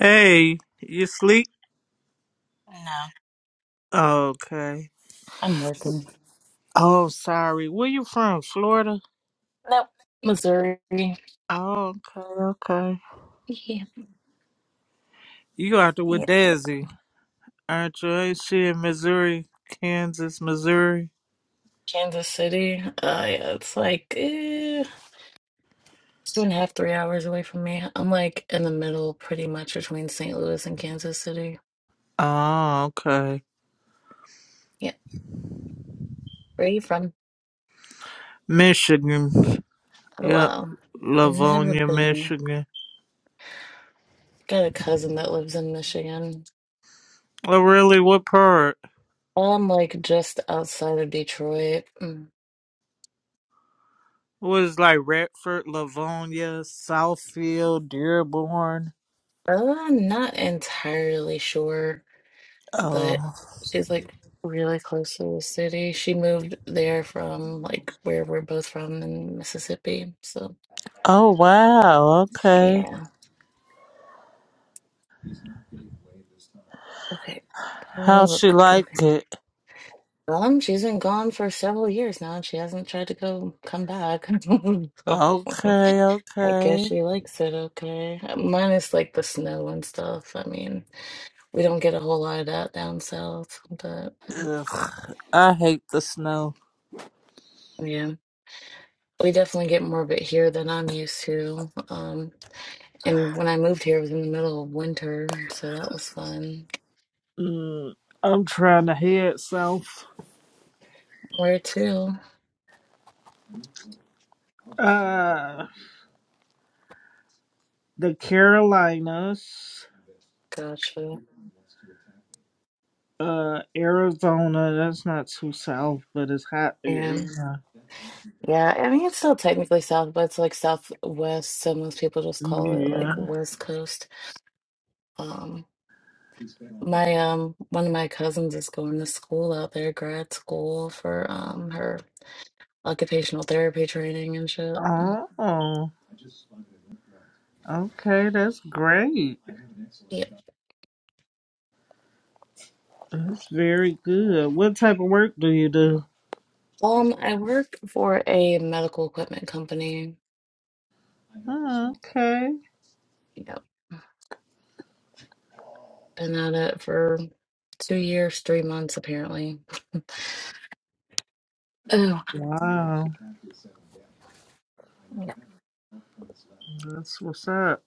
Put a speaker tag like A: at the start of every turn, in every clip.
A: Hey, you sleep?
B: No,
A: Okay.
B: I'm working.
A: Oh, sorry. Where you from? Florida?
B: Nope. Missouri,
A: Oh, okay, okay.
B: Yeah.
A: You out there with
B: yeah.
A: Dazzy, aren't you? Ain't she in Missouri? Kansas, Missouri?
B: Kansas City. Uh, yeah, it's like eh, two and a half, three hours away from me. I'm like in the middle, pretty much between St. Louis and Kansas City.
A: Oh, okay.
B: Yeah. Where you from?
A: Michigan. Yep.
B: Hello. Never
A: Livonia,
B: been there.
A: Michigan.
B: Got a cousin that lives in Michigan.
A: Oh, really? What part?
B: I'm like just outside of Detroit. Mm.
A: Was like Radford, Livonia, Southfield, Dearborn?
B: Uh, I'm not entirely sure. but
A: Oh.
B: she's like really close to the city. She moved there from like where we're both from in Mississippi. So
A: Oh, wow. Okay.
B: yeah. Okay. Oh,
A: How she
B: Look, come
A: like
B: here.
A: it?
B: Um, she's been gone for several years now, and she hasn't tried to go come back. So,
A: Okay,
B: I guess
A: okay.
B: she likes it okay. Minus like the snow and stuff. I mean, we don't get a whole lot of that down south, but
A: Ugh, I hate the snow.
B: yeah. We definitely get more of it here than I'm used to. Um. And when I moved here, it was in the middle of winter, so that was fun.
A: Mm, I'm trying to head south.
B: Where to?
A: Uh, the Carolinas,
B: Gotcha.
A: uh, Arizona. That's not too south, but it's hot there,
B: Yeah.
A: Yeah.
B: Yeah, I mean, it's still technically south, but it's like southwest, so most people just call it like
A: Yeah.
B: West Coast. Um, my um one of my cousins is going to school out there, grad school for um her occupational therapy training and shit.
A: Oh, okay. That's great.
B: Yeah.
A: That's very good. What type of work do you do?
B: Um, I work for a medical equipment company.
A: Oh, okay.
B: Yep. Been at it for two years, three months apparently. Oh,
A: Wow.
B: yeah.
A: That's what's up.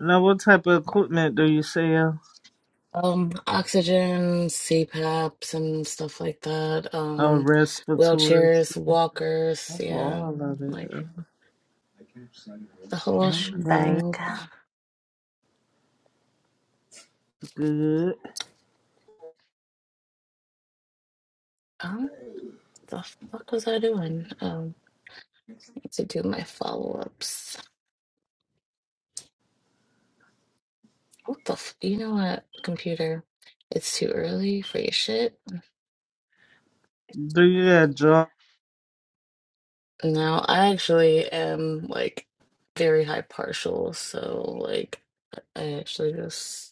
A: Now, what type of equipment do you sell?
B: Um, oxygen, CPAPs, and stuff like that.
A: Oh,
B: Um,
A: respiratory.
B: wheelchairs, walkers,
A: stuff. Oh,
B: yeah,
A: I love it.
B: like the whole
A: Okay,
B: shebang.
A: good.
B: Um, the fuck was I doing? Um, need to do my follow-ups. What the f you know what, computer? It's too early for your shit.
A: Do you got job?
B: No, I actually am like very high partial, so like I actually just.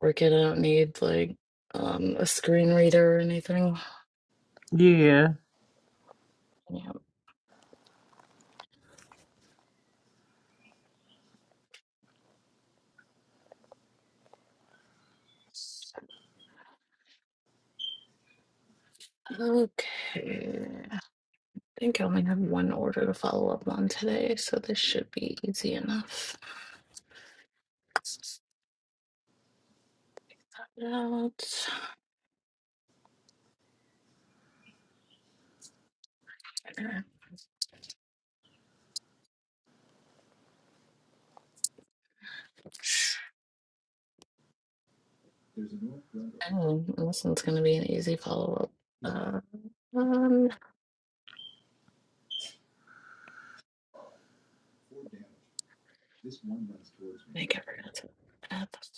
B: Working, I don't need like um a screen reader or anything.
A: Yeah.
B: Yeah. Okay. I think I only have one order to follow up on today, so this should be easy enough. Out. Okay. Oh, this one's gonna be an easy follow-up. Uh, um, I think I forgot to add this.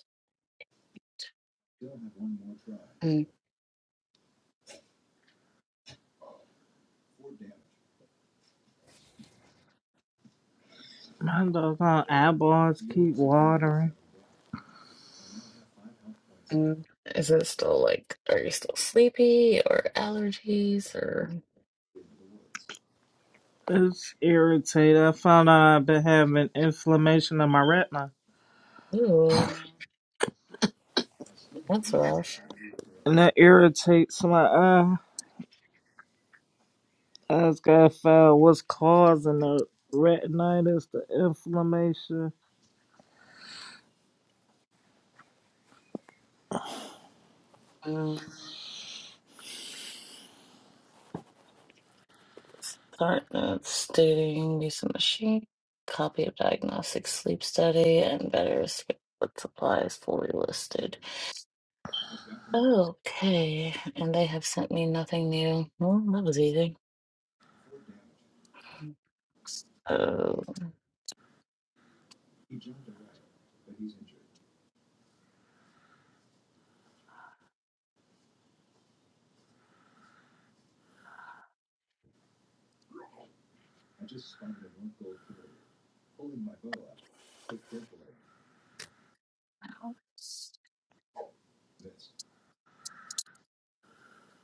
B: Mm,
A: My doggone eyeballs keep watering.
B: mm. Is it still like, are you still sleepy or allergies or,
A: It's irritating. I found out I've been having inflammation in my retina,
B: ooh, that's rough.
A: and that irritates my eye. I just gotta find what's causing the retinitis, the inflammation.
B: Um, Start notes stating use of machine, copy of diagnostic sleep study, and better what supplies fully listed. Okay, and they have sent me nothing new. Well, that was easy. Oh,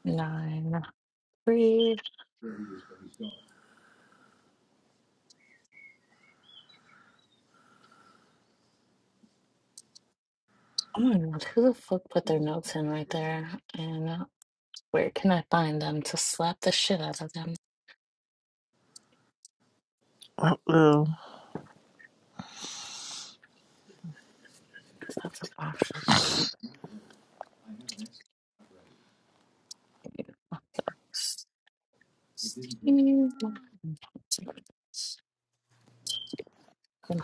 B: nine, three. Oh my god, who the fuck put their notes in right there? And uh, where can I find them to slap the shit out of them?
A: Uh,
B: That's a box.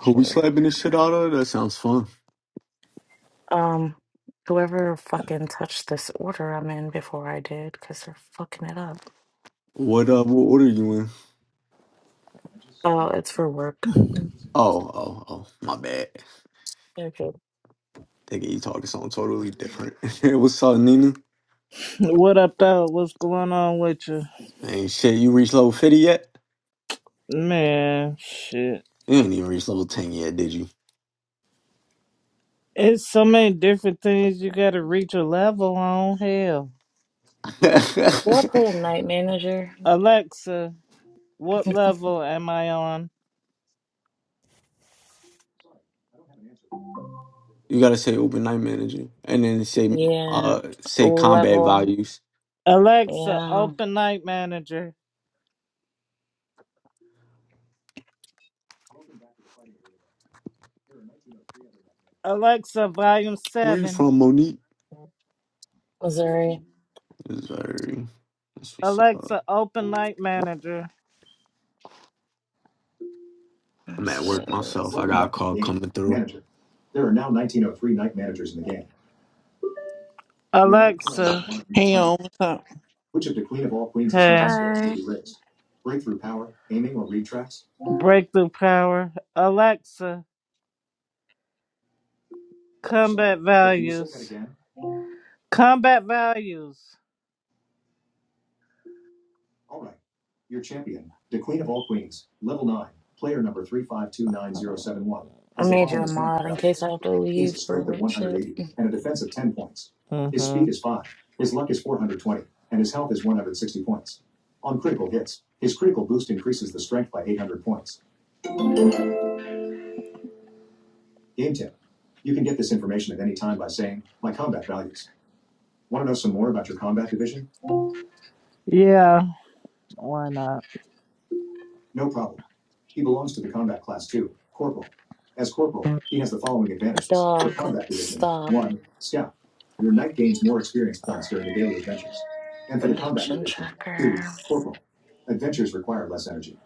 C: Who we slapping the shit out of? That sounds fun.
B: Um, whoever fucking touched this order I'm in before I did, because they're fucking it up.
C: What uh what order you in?
B: Oh, it's for work. Mm,
C: Oh, oh, oh, my bad.
B: Okay.
C: Thinking you talking something totally different. What's up, Nina?
A: what up, though? What's going on with you?
C: Ain't shit, you reached level 50 yet?
A: Man, shit.
C: You ain't even reached level 10 yet, did you?
A: It's so many different things you gotta reach a level on. Hell.
B: Y'all play a Night Manager?
A: Alexa, what level am I on?
C: you gotta say open night manager. And then say
B: Yeah.
C: uh say combat
B: Level.
C: values.
A: Alexa,
B: Yeah.
A: open Night Manager. Alexa, Volume
C: Where you
A: 7.
C: from, Monique?
B: Missouri.
C: Missouri. That's what's up.
A: Alexa, open Night Manager.
B: It
C: I'm at work myself.
B: says,
C: I
A: Welcome
C: got a
A: back to
C: call
A: the game,
C: coming through.
A: manager. There are now 1903 night managers in the game. You are currently Alexa, one of your
D: Hey,
A: punching.
D: y'all. What's up?
A: Which of the queen of all queens achievement hey, skills may
B: Hi.
A: be raised? Breakthrough power, aiming, or read tracks? Breakthrough Power. Alexa, Sorry, Combat Sorry, but can you say that Values. again? Combat Values. All right. Your champion, the queen of all queens, level 9, player number 3529071,
B: I
A: has the
B: made you
A: following
B: a
A: combat
B: mod in case
A: values.
B: I have to
A: He has a
B: leave for
A: strength of
B: work shit.
A: 180 and a defense of 10 points. Uh-huh. His Mm-hmm. speed is 5, his luck is 420, and his health is 160 points. On critical hits, his critical boost increases the strength by 800 points. Game tip. You can get this information at any time by saying, My combat values. Want to know some more about your combat division? Yeah, why not? No problem. He belongs to the combat class two, corporal. As corporal, he has the following advantages. For
B: Dog
A: combat division,
B: stop
A: one, scout. Your knight gains more experience points during the daily adventures. And for the combat
B: production
A: division, two,
B: tracker.
A: corporal. Adventures require less energy.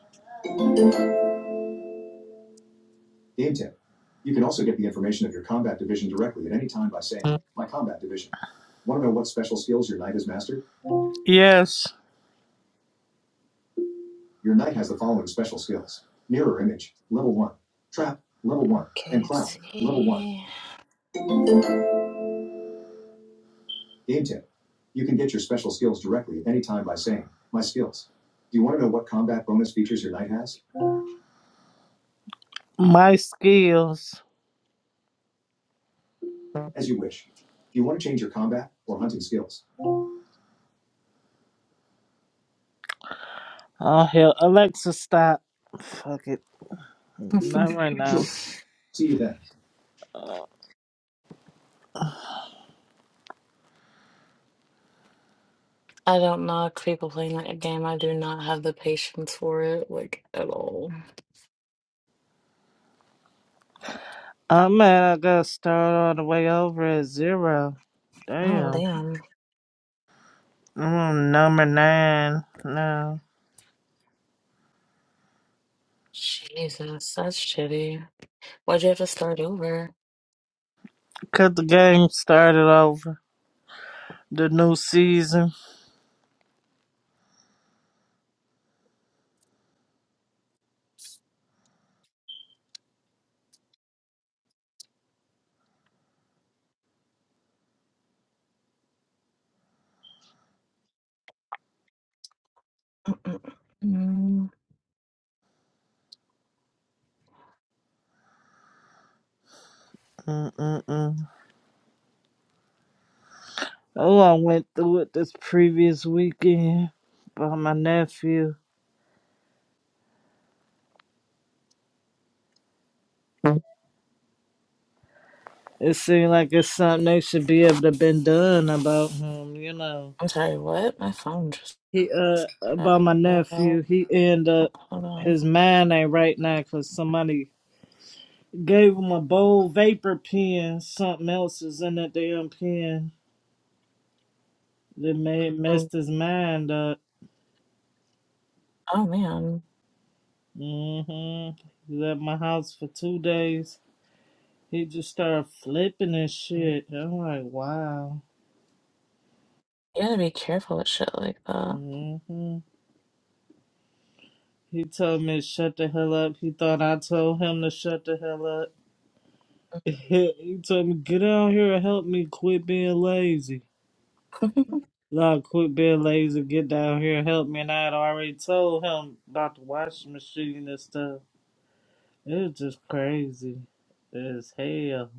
A: Game tip. You can also get the information of your combat division directly at any time by saying, my combat division. Want to know what special skills your knight has mastered? Yes. Your knight has the following special skills. Mirror image, level 1. Trap, level 1. And clown, level 1.
B: MKFC.
A: Game tip. You can get your special skills directly at any time by saying, My skills. Do you want to know what combat bonus features your knight has? My skills. As you wish. Do you want to change your combat or hunting skills? Oh hell, Alexa, stop. Fuck it, not right now. Sure. See you then. Uh,
B: I don't knock people playing that game. I do not have the patience for it, like at all.
A: I man, I gotta start all the way over at zero.
B: Oh,
A: Damn.
B: damn.
A: I'm on number nine now.
B: Jesus, that's shitty. Why'd you have to start over?
A: Cause the game started over. The new season.
B: Mm,
A: Mm-mm-mm. Oh, I went through it this previous weekend by my nephew. It seemed like it's something they should be able to been done about him, you know.
B: I'm sorry, what? My phone just
A: He uh about
B: cut
A: my
B: out. Hold
A: nephew, he end up
B: on.
A: his mind ain't right now 'cause somebody gave him a bold vapor pen. Something else is in that damn pen that made
B: Mm,
A: messed his mind up.
B: Oh, man.
A: mm hmm He was at my house for two days. He just started flipping and shit. I'm like, wow.
B: You gotta be careful with shit like that.
A: hmm He told me to shut the hell up. He thought I told him to shut the hell up. he told me, get down here and help me quit being lazy. Like, quit being lazy, get down here and help me. And I had already told him about the washing machine and stuff. It was just crazy as hell.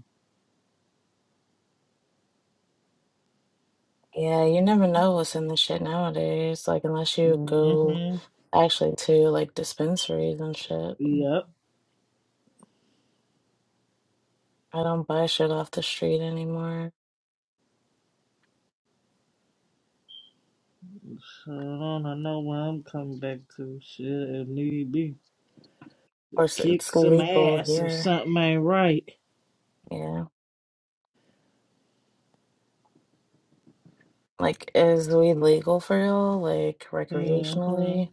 B: Yeah, you never know what's in the shit nowadays. Like, unless you go
A: hmm
B: actually to like dispensaries and shit.
A: Yep.
B: I don't buy shit off the street anymore.
A: So I don't know where I'm coming back to. Shit, if need be.
B: course
A: Kick
B: it's
A: some
B: legal
A: ass if
B: here.
A: something ain't right.
B: Yeah. Like, is weed legal for y'all? Like,
A: hmm
B: recreationally?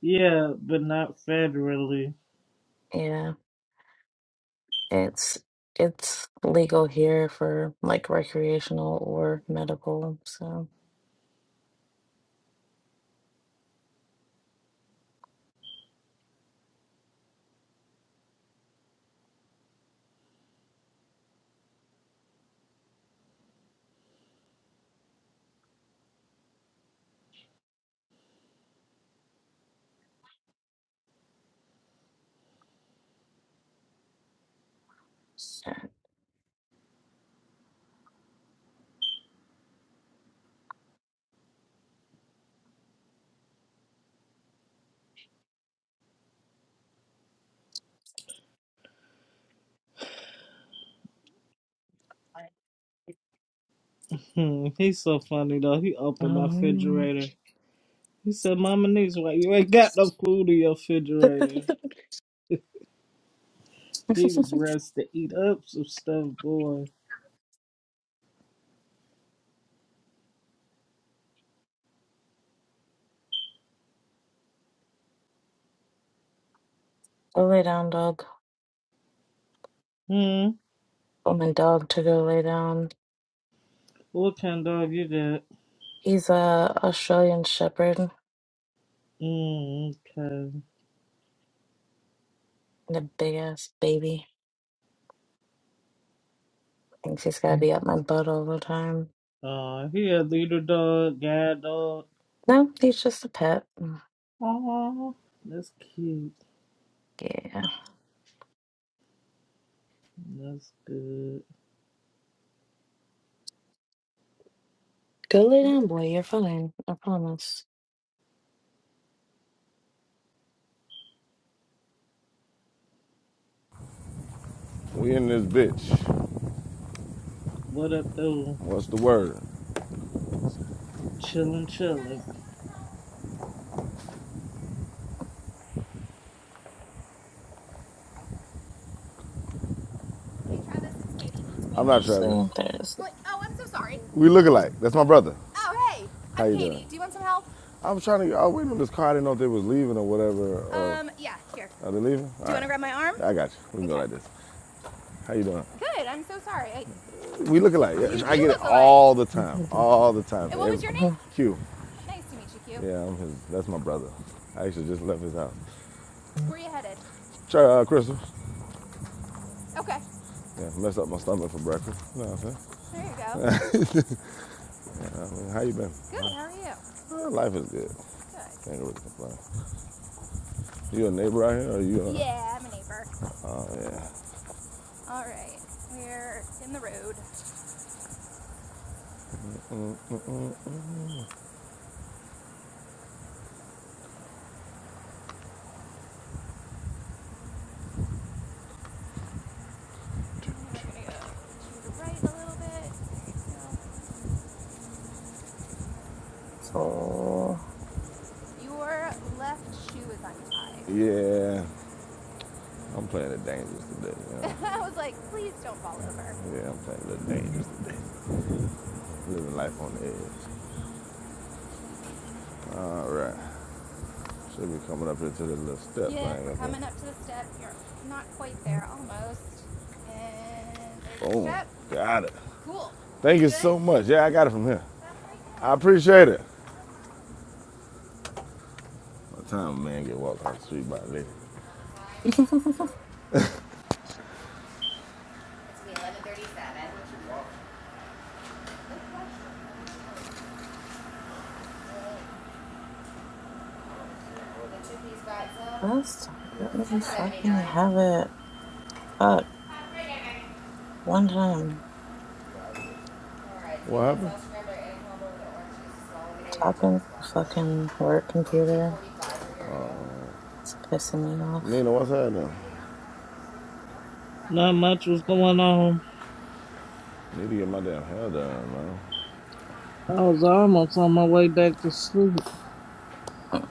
A: Yeah, but not federally.
B: Yeah. It's it's legal here for like recreational or medical. So,
A: Hmm, he's so funny though. He opened my
B: um,
A: refrigerator. He said, Mama needs why you ain't got no food in your refrigerator.
B: go
A: He was ready to eat up some stuff, boy.
B: lay down, dog.
A: Hmm,
B: Oh, my dog to go lay down.
A: what kind of dog you got?
B: He's a Australian Shepherd
A: Hmm, okay.
B: and a big ass baby. Thinks he's gotta be up my butt all the time.
A: Uh, he a leader dog, guide dog.
B: No, he's just a pet. Mm,
A: Aw, that's cute.
B: Yeah.
A: That's good.
B: Go lay down, boy. You're fine. I promise.
E: We in this bitch.
A: What up, though?
E: What's the word?
A: Chillin', chillin'.
E: I'm not Travis.
B: Seriously, there's
E: We look alike. That's my brother. How you doing? I am trying to. I was waiting on this car. I didn't know if they was leaving or whatever. Or are they leaving? All Do All you right. right. I got you. We can okay. go like this. How you doing? We look alike. Yeah, I get it all the time. All the time.
B: okay.
E: Q. Yeah, I'm his. That's my brother. I actually just left his house. Try uh, Crystal. Yeah, messed up my stomach for breakfast. You know what I'm saying? Hey, How you been? Uh, life is good. Can't really complain. You a neighbor out here, or you? A, Oh yeah.
B: so.
E: Yeah. I'm playing it dangerous today. You know? Yeah, I'm playing the dangerous today. Living life on the edge. All right. Should be coming up into the little step thing. Got it. Thank you so much. Yeah, I got it from him. I appreciate it. What time a man get walked off the street by a lady? It's eleven thirty-seven. The two piece pizza,
B: us. let me fucking
E: seventy-nine.
B: have it. Fuck. One time,
E: All right. What happened?
B: tapping the fucking work computer.
E: Uh,
B: It's pissing me off.
E: Nina, what's happening?
A: Not much was going on.
E: Need to get my damn hair done, man.
A: I was almost on my way back to sleep.
B: Mm,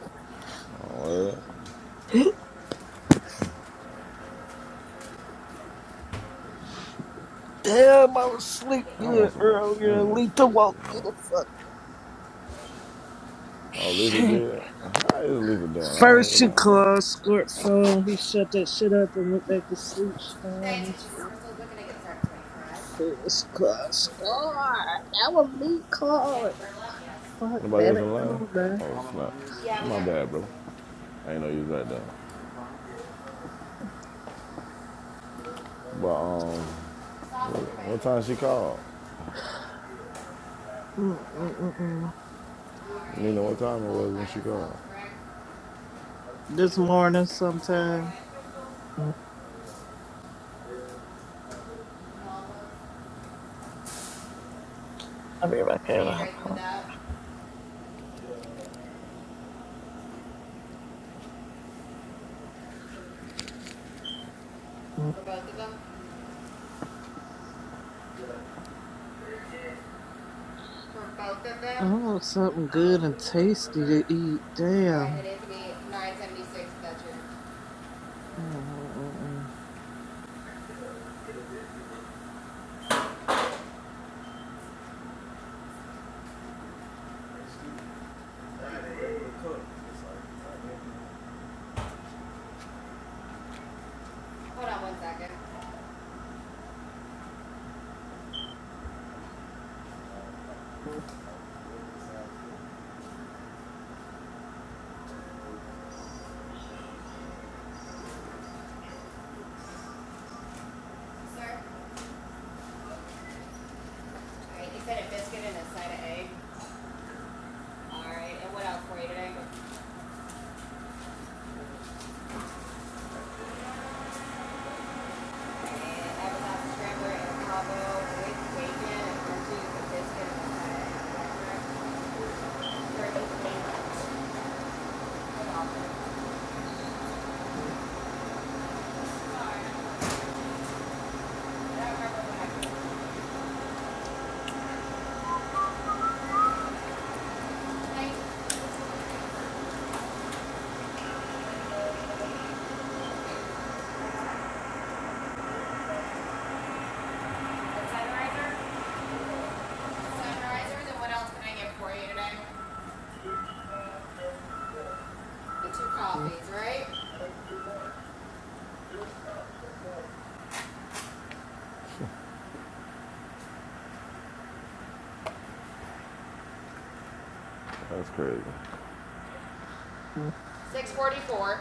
E: Oh,
A: Damn, I was sleep
E: I
A: good
E: want some like
A: earlier.
E: cinnamon
A: Lita
E: sticks.
A: woke
E: You
A: me the
E: know?
A: fuck up.
E: Oh, Lisa
A: Shit.
E: did. How is Lisa doing? I don't,
A: First
E: you
A: she
E: know.
A: called Squirt phone. He shut that shit up and went back to sleep.
E: Diane,
A: Storm and shit.
E: Crystal's looking to get started pretty
A: Then
E: fresh.
A: she called Squirt. That was me
E: We have
A: calling.
E: a burlap, yes.
A: Fuck
E: Anybody
A: that
E: else
A: it
E: in line?
A: no man.
E: Oh, snap. Yeah, My bad, bro. I ain't know you was right there. But, um, Stop what time she called?
A: Mm mm mm mm.
E: You know what time it was when she called?
A: This morning sometime. Mm-mm.
B: I'll be right back
E: What are
B: here to
E: you
B: help
E: drinking with
B: out.
E: that? For both of them? For both of
A: I
E: them?
A: want something good and tasty to eat.
E: Alright,
A: Damn.
E: it is to be nine seventy-six, that's your,
A: Mm
E: hold on one second.
A: mm
E: Sir? Alright, you said a biscuit and a side of egg. Alright, and what else for you today? I have a sausage scrambler and a combo with bacon and cheese and biscuit and whatever. For eight payments. Sorry. I don't remember what I Thank you. A sunriser? Sunriser, then what else can I get for you today? The two
A: mm.
E: coffees, right? That's crazy.
A: mm.
E: Six forty-four.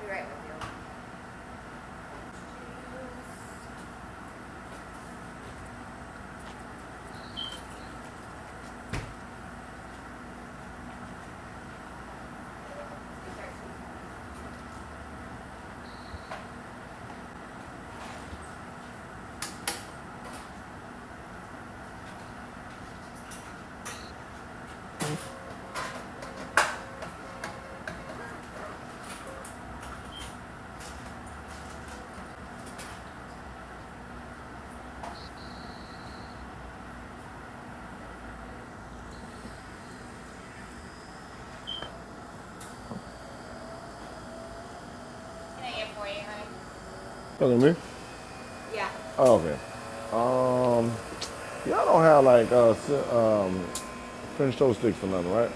E: Be right with you. Can I get 48, honey? Look at me. Yeah. Oh, okay. Um, y'all don't have like uh, si- uh French toast sticks or nothing, right?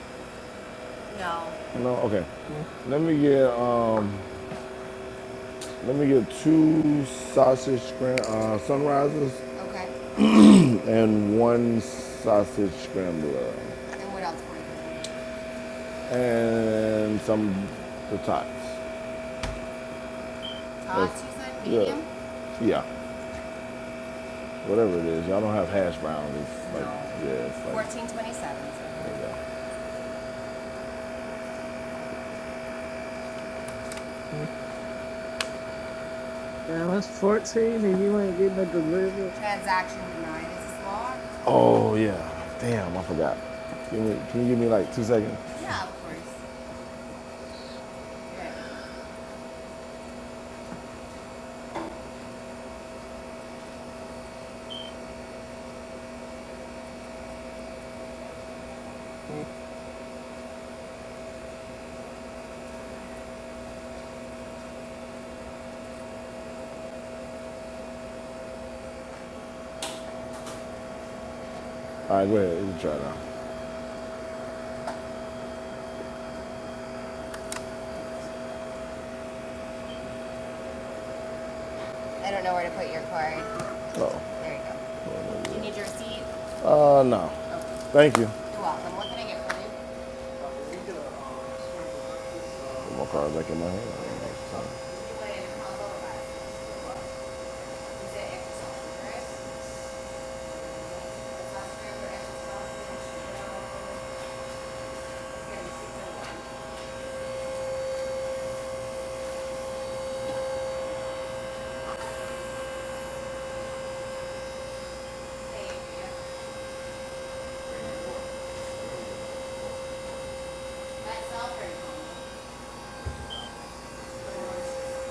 E: No. No. Okay. Let me get uh, let me get two sausage scram uh, sunrises Okay. and one sausage scrambler And what else for you? and some the tots. That's Tots, you said? yeah, Medium? yeah. Yeah. whatever it is. Y'all don't have hash browns. It's like, No. yeah, it's like, 1427. there you go.
A: That was 14 and you ain't getting it delivered.
E: Transaction denied. Is this Oh, yeah. Damn, I forgot. Give me, can you give me like two seconds? Yeah, of course. Right. All right, go ahead. You can try now. I don't know where to put your card. Oh, There you go. Yeah. You need your receipt? uh, no. Okay. Thank you. You're welcome. What can I get for you? Put my card back in my hand. You it extra, right? That's all very common. Or,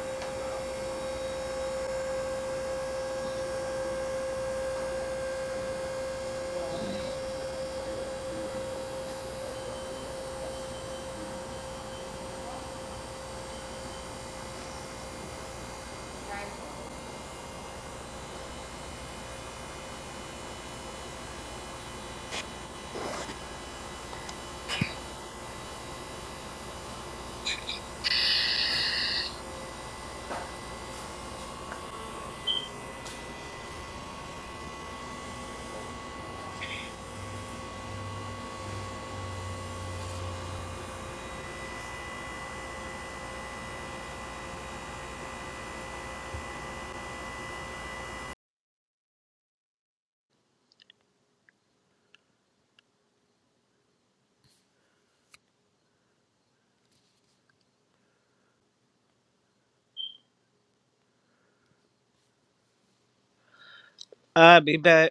E: right?
A: I'll be back.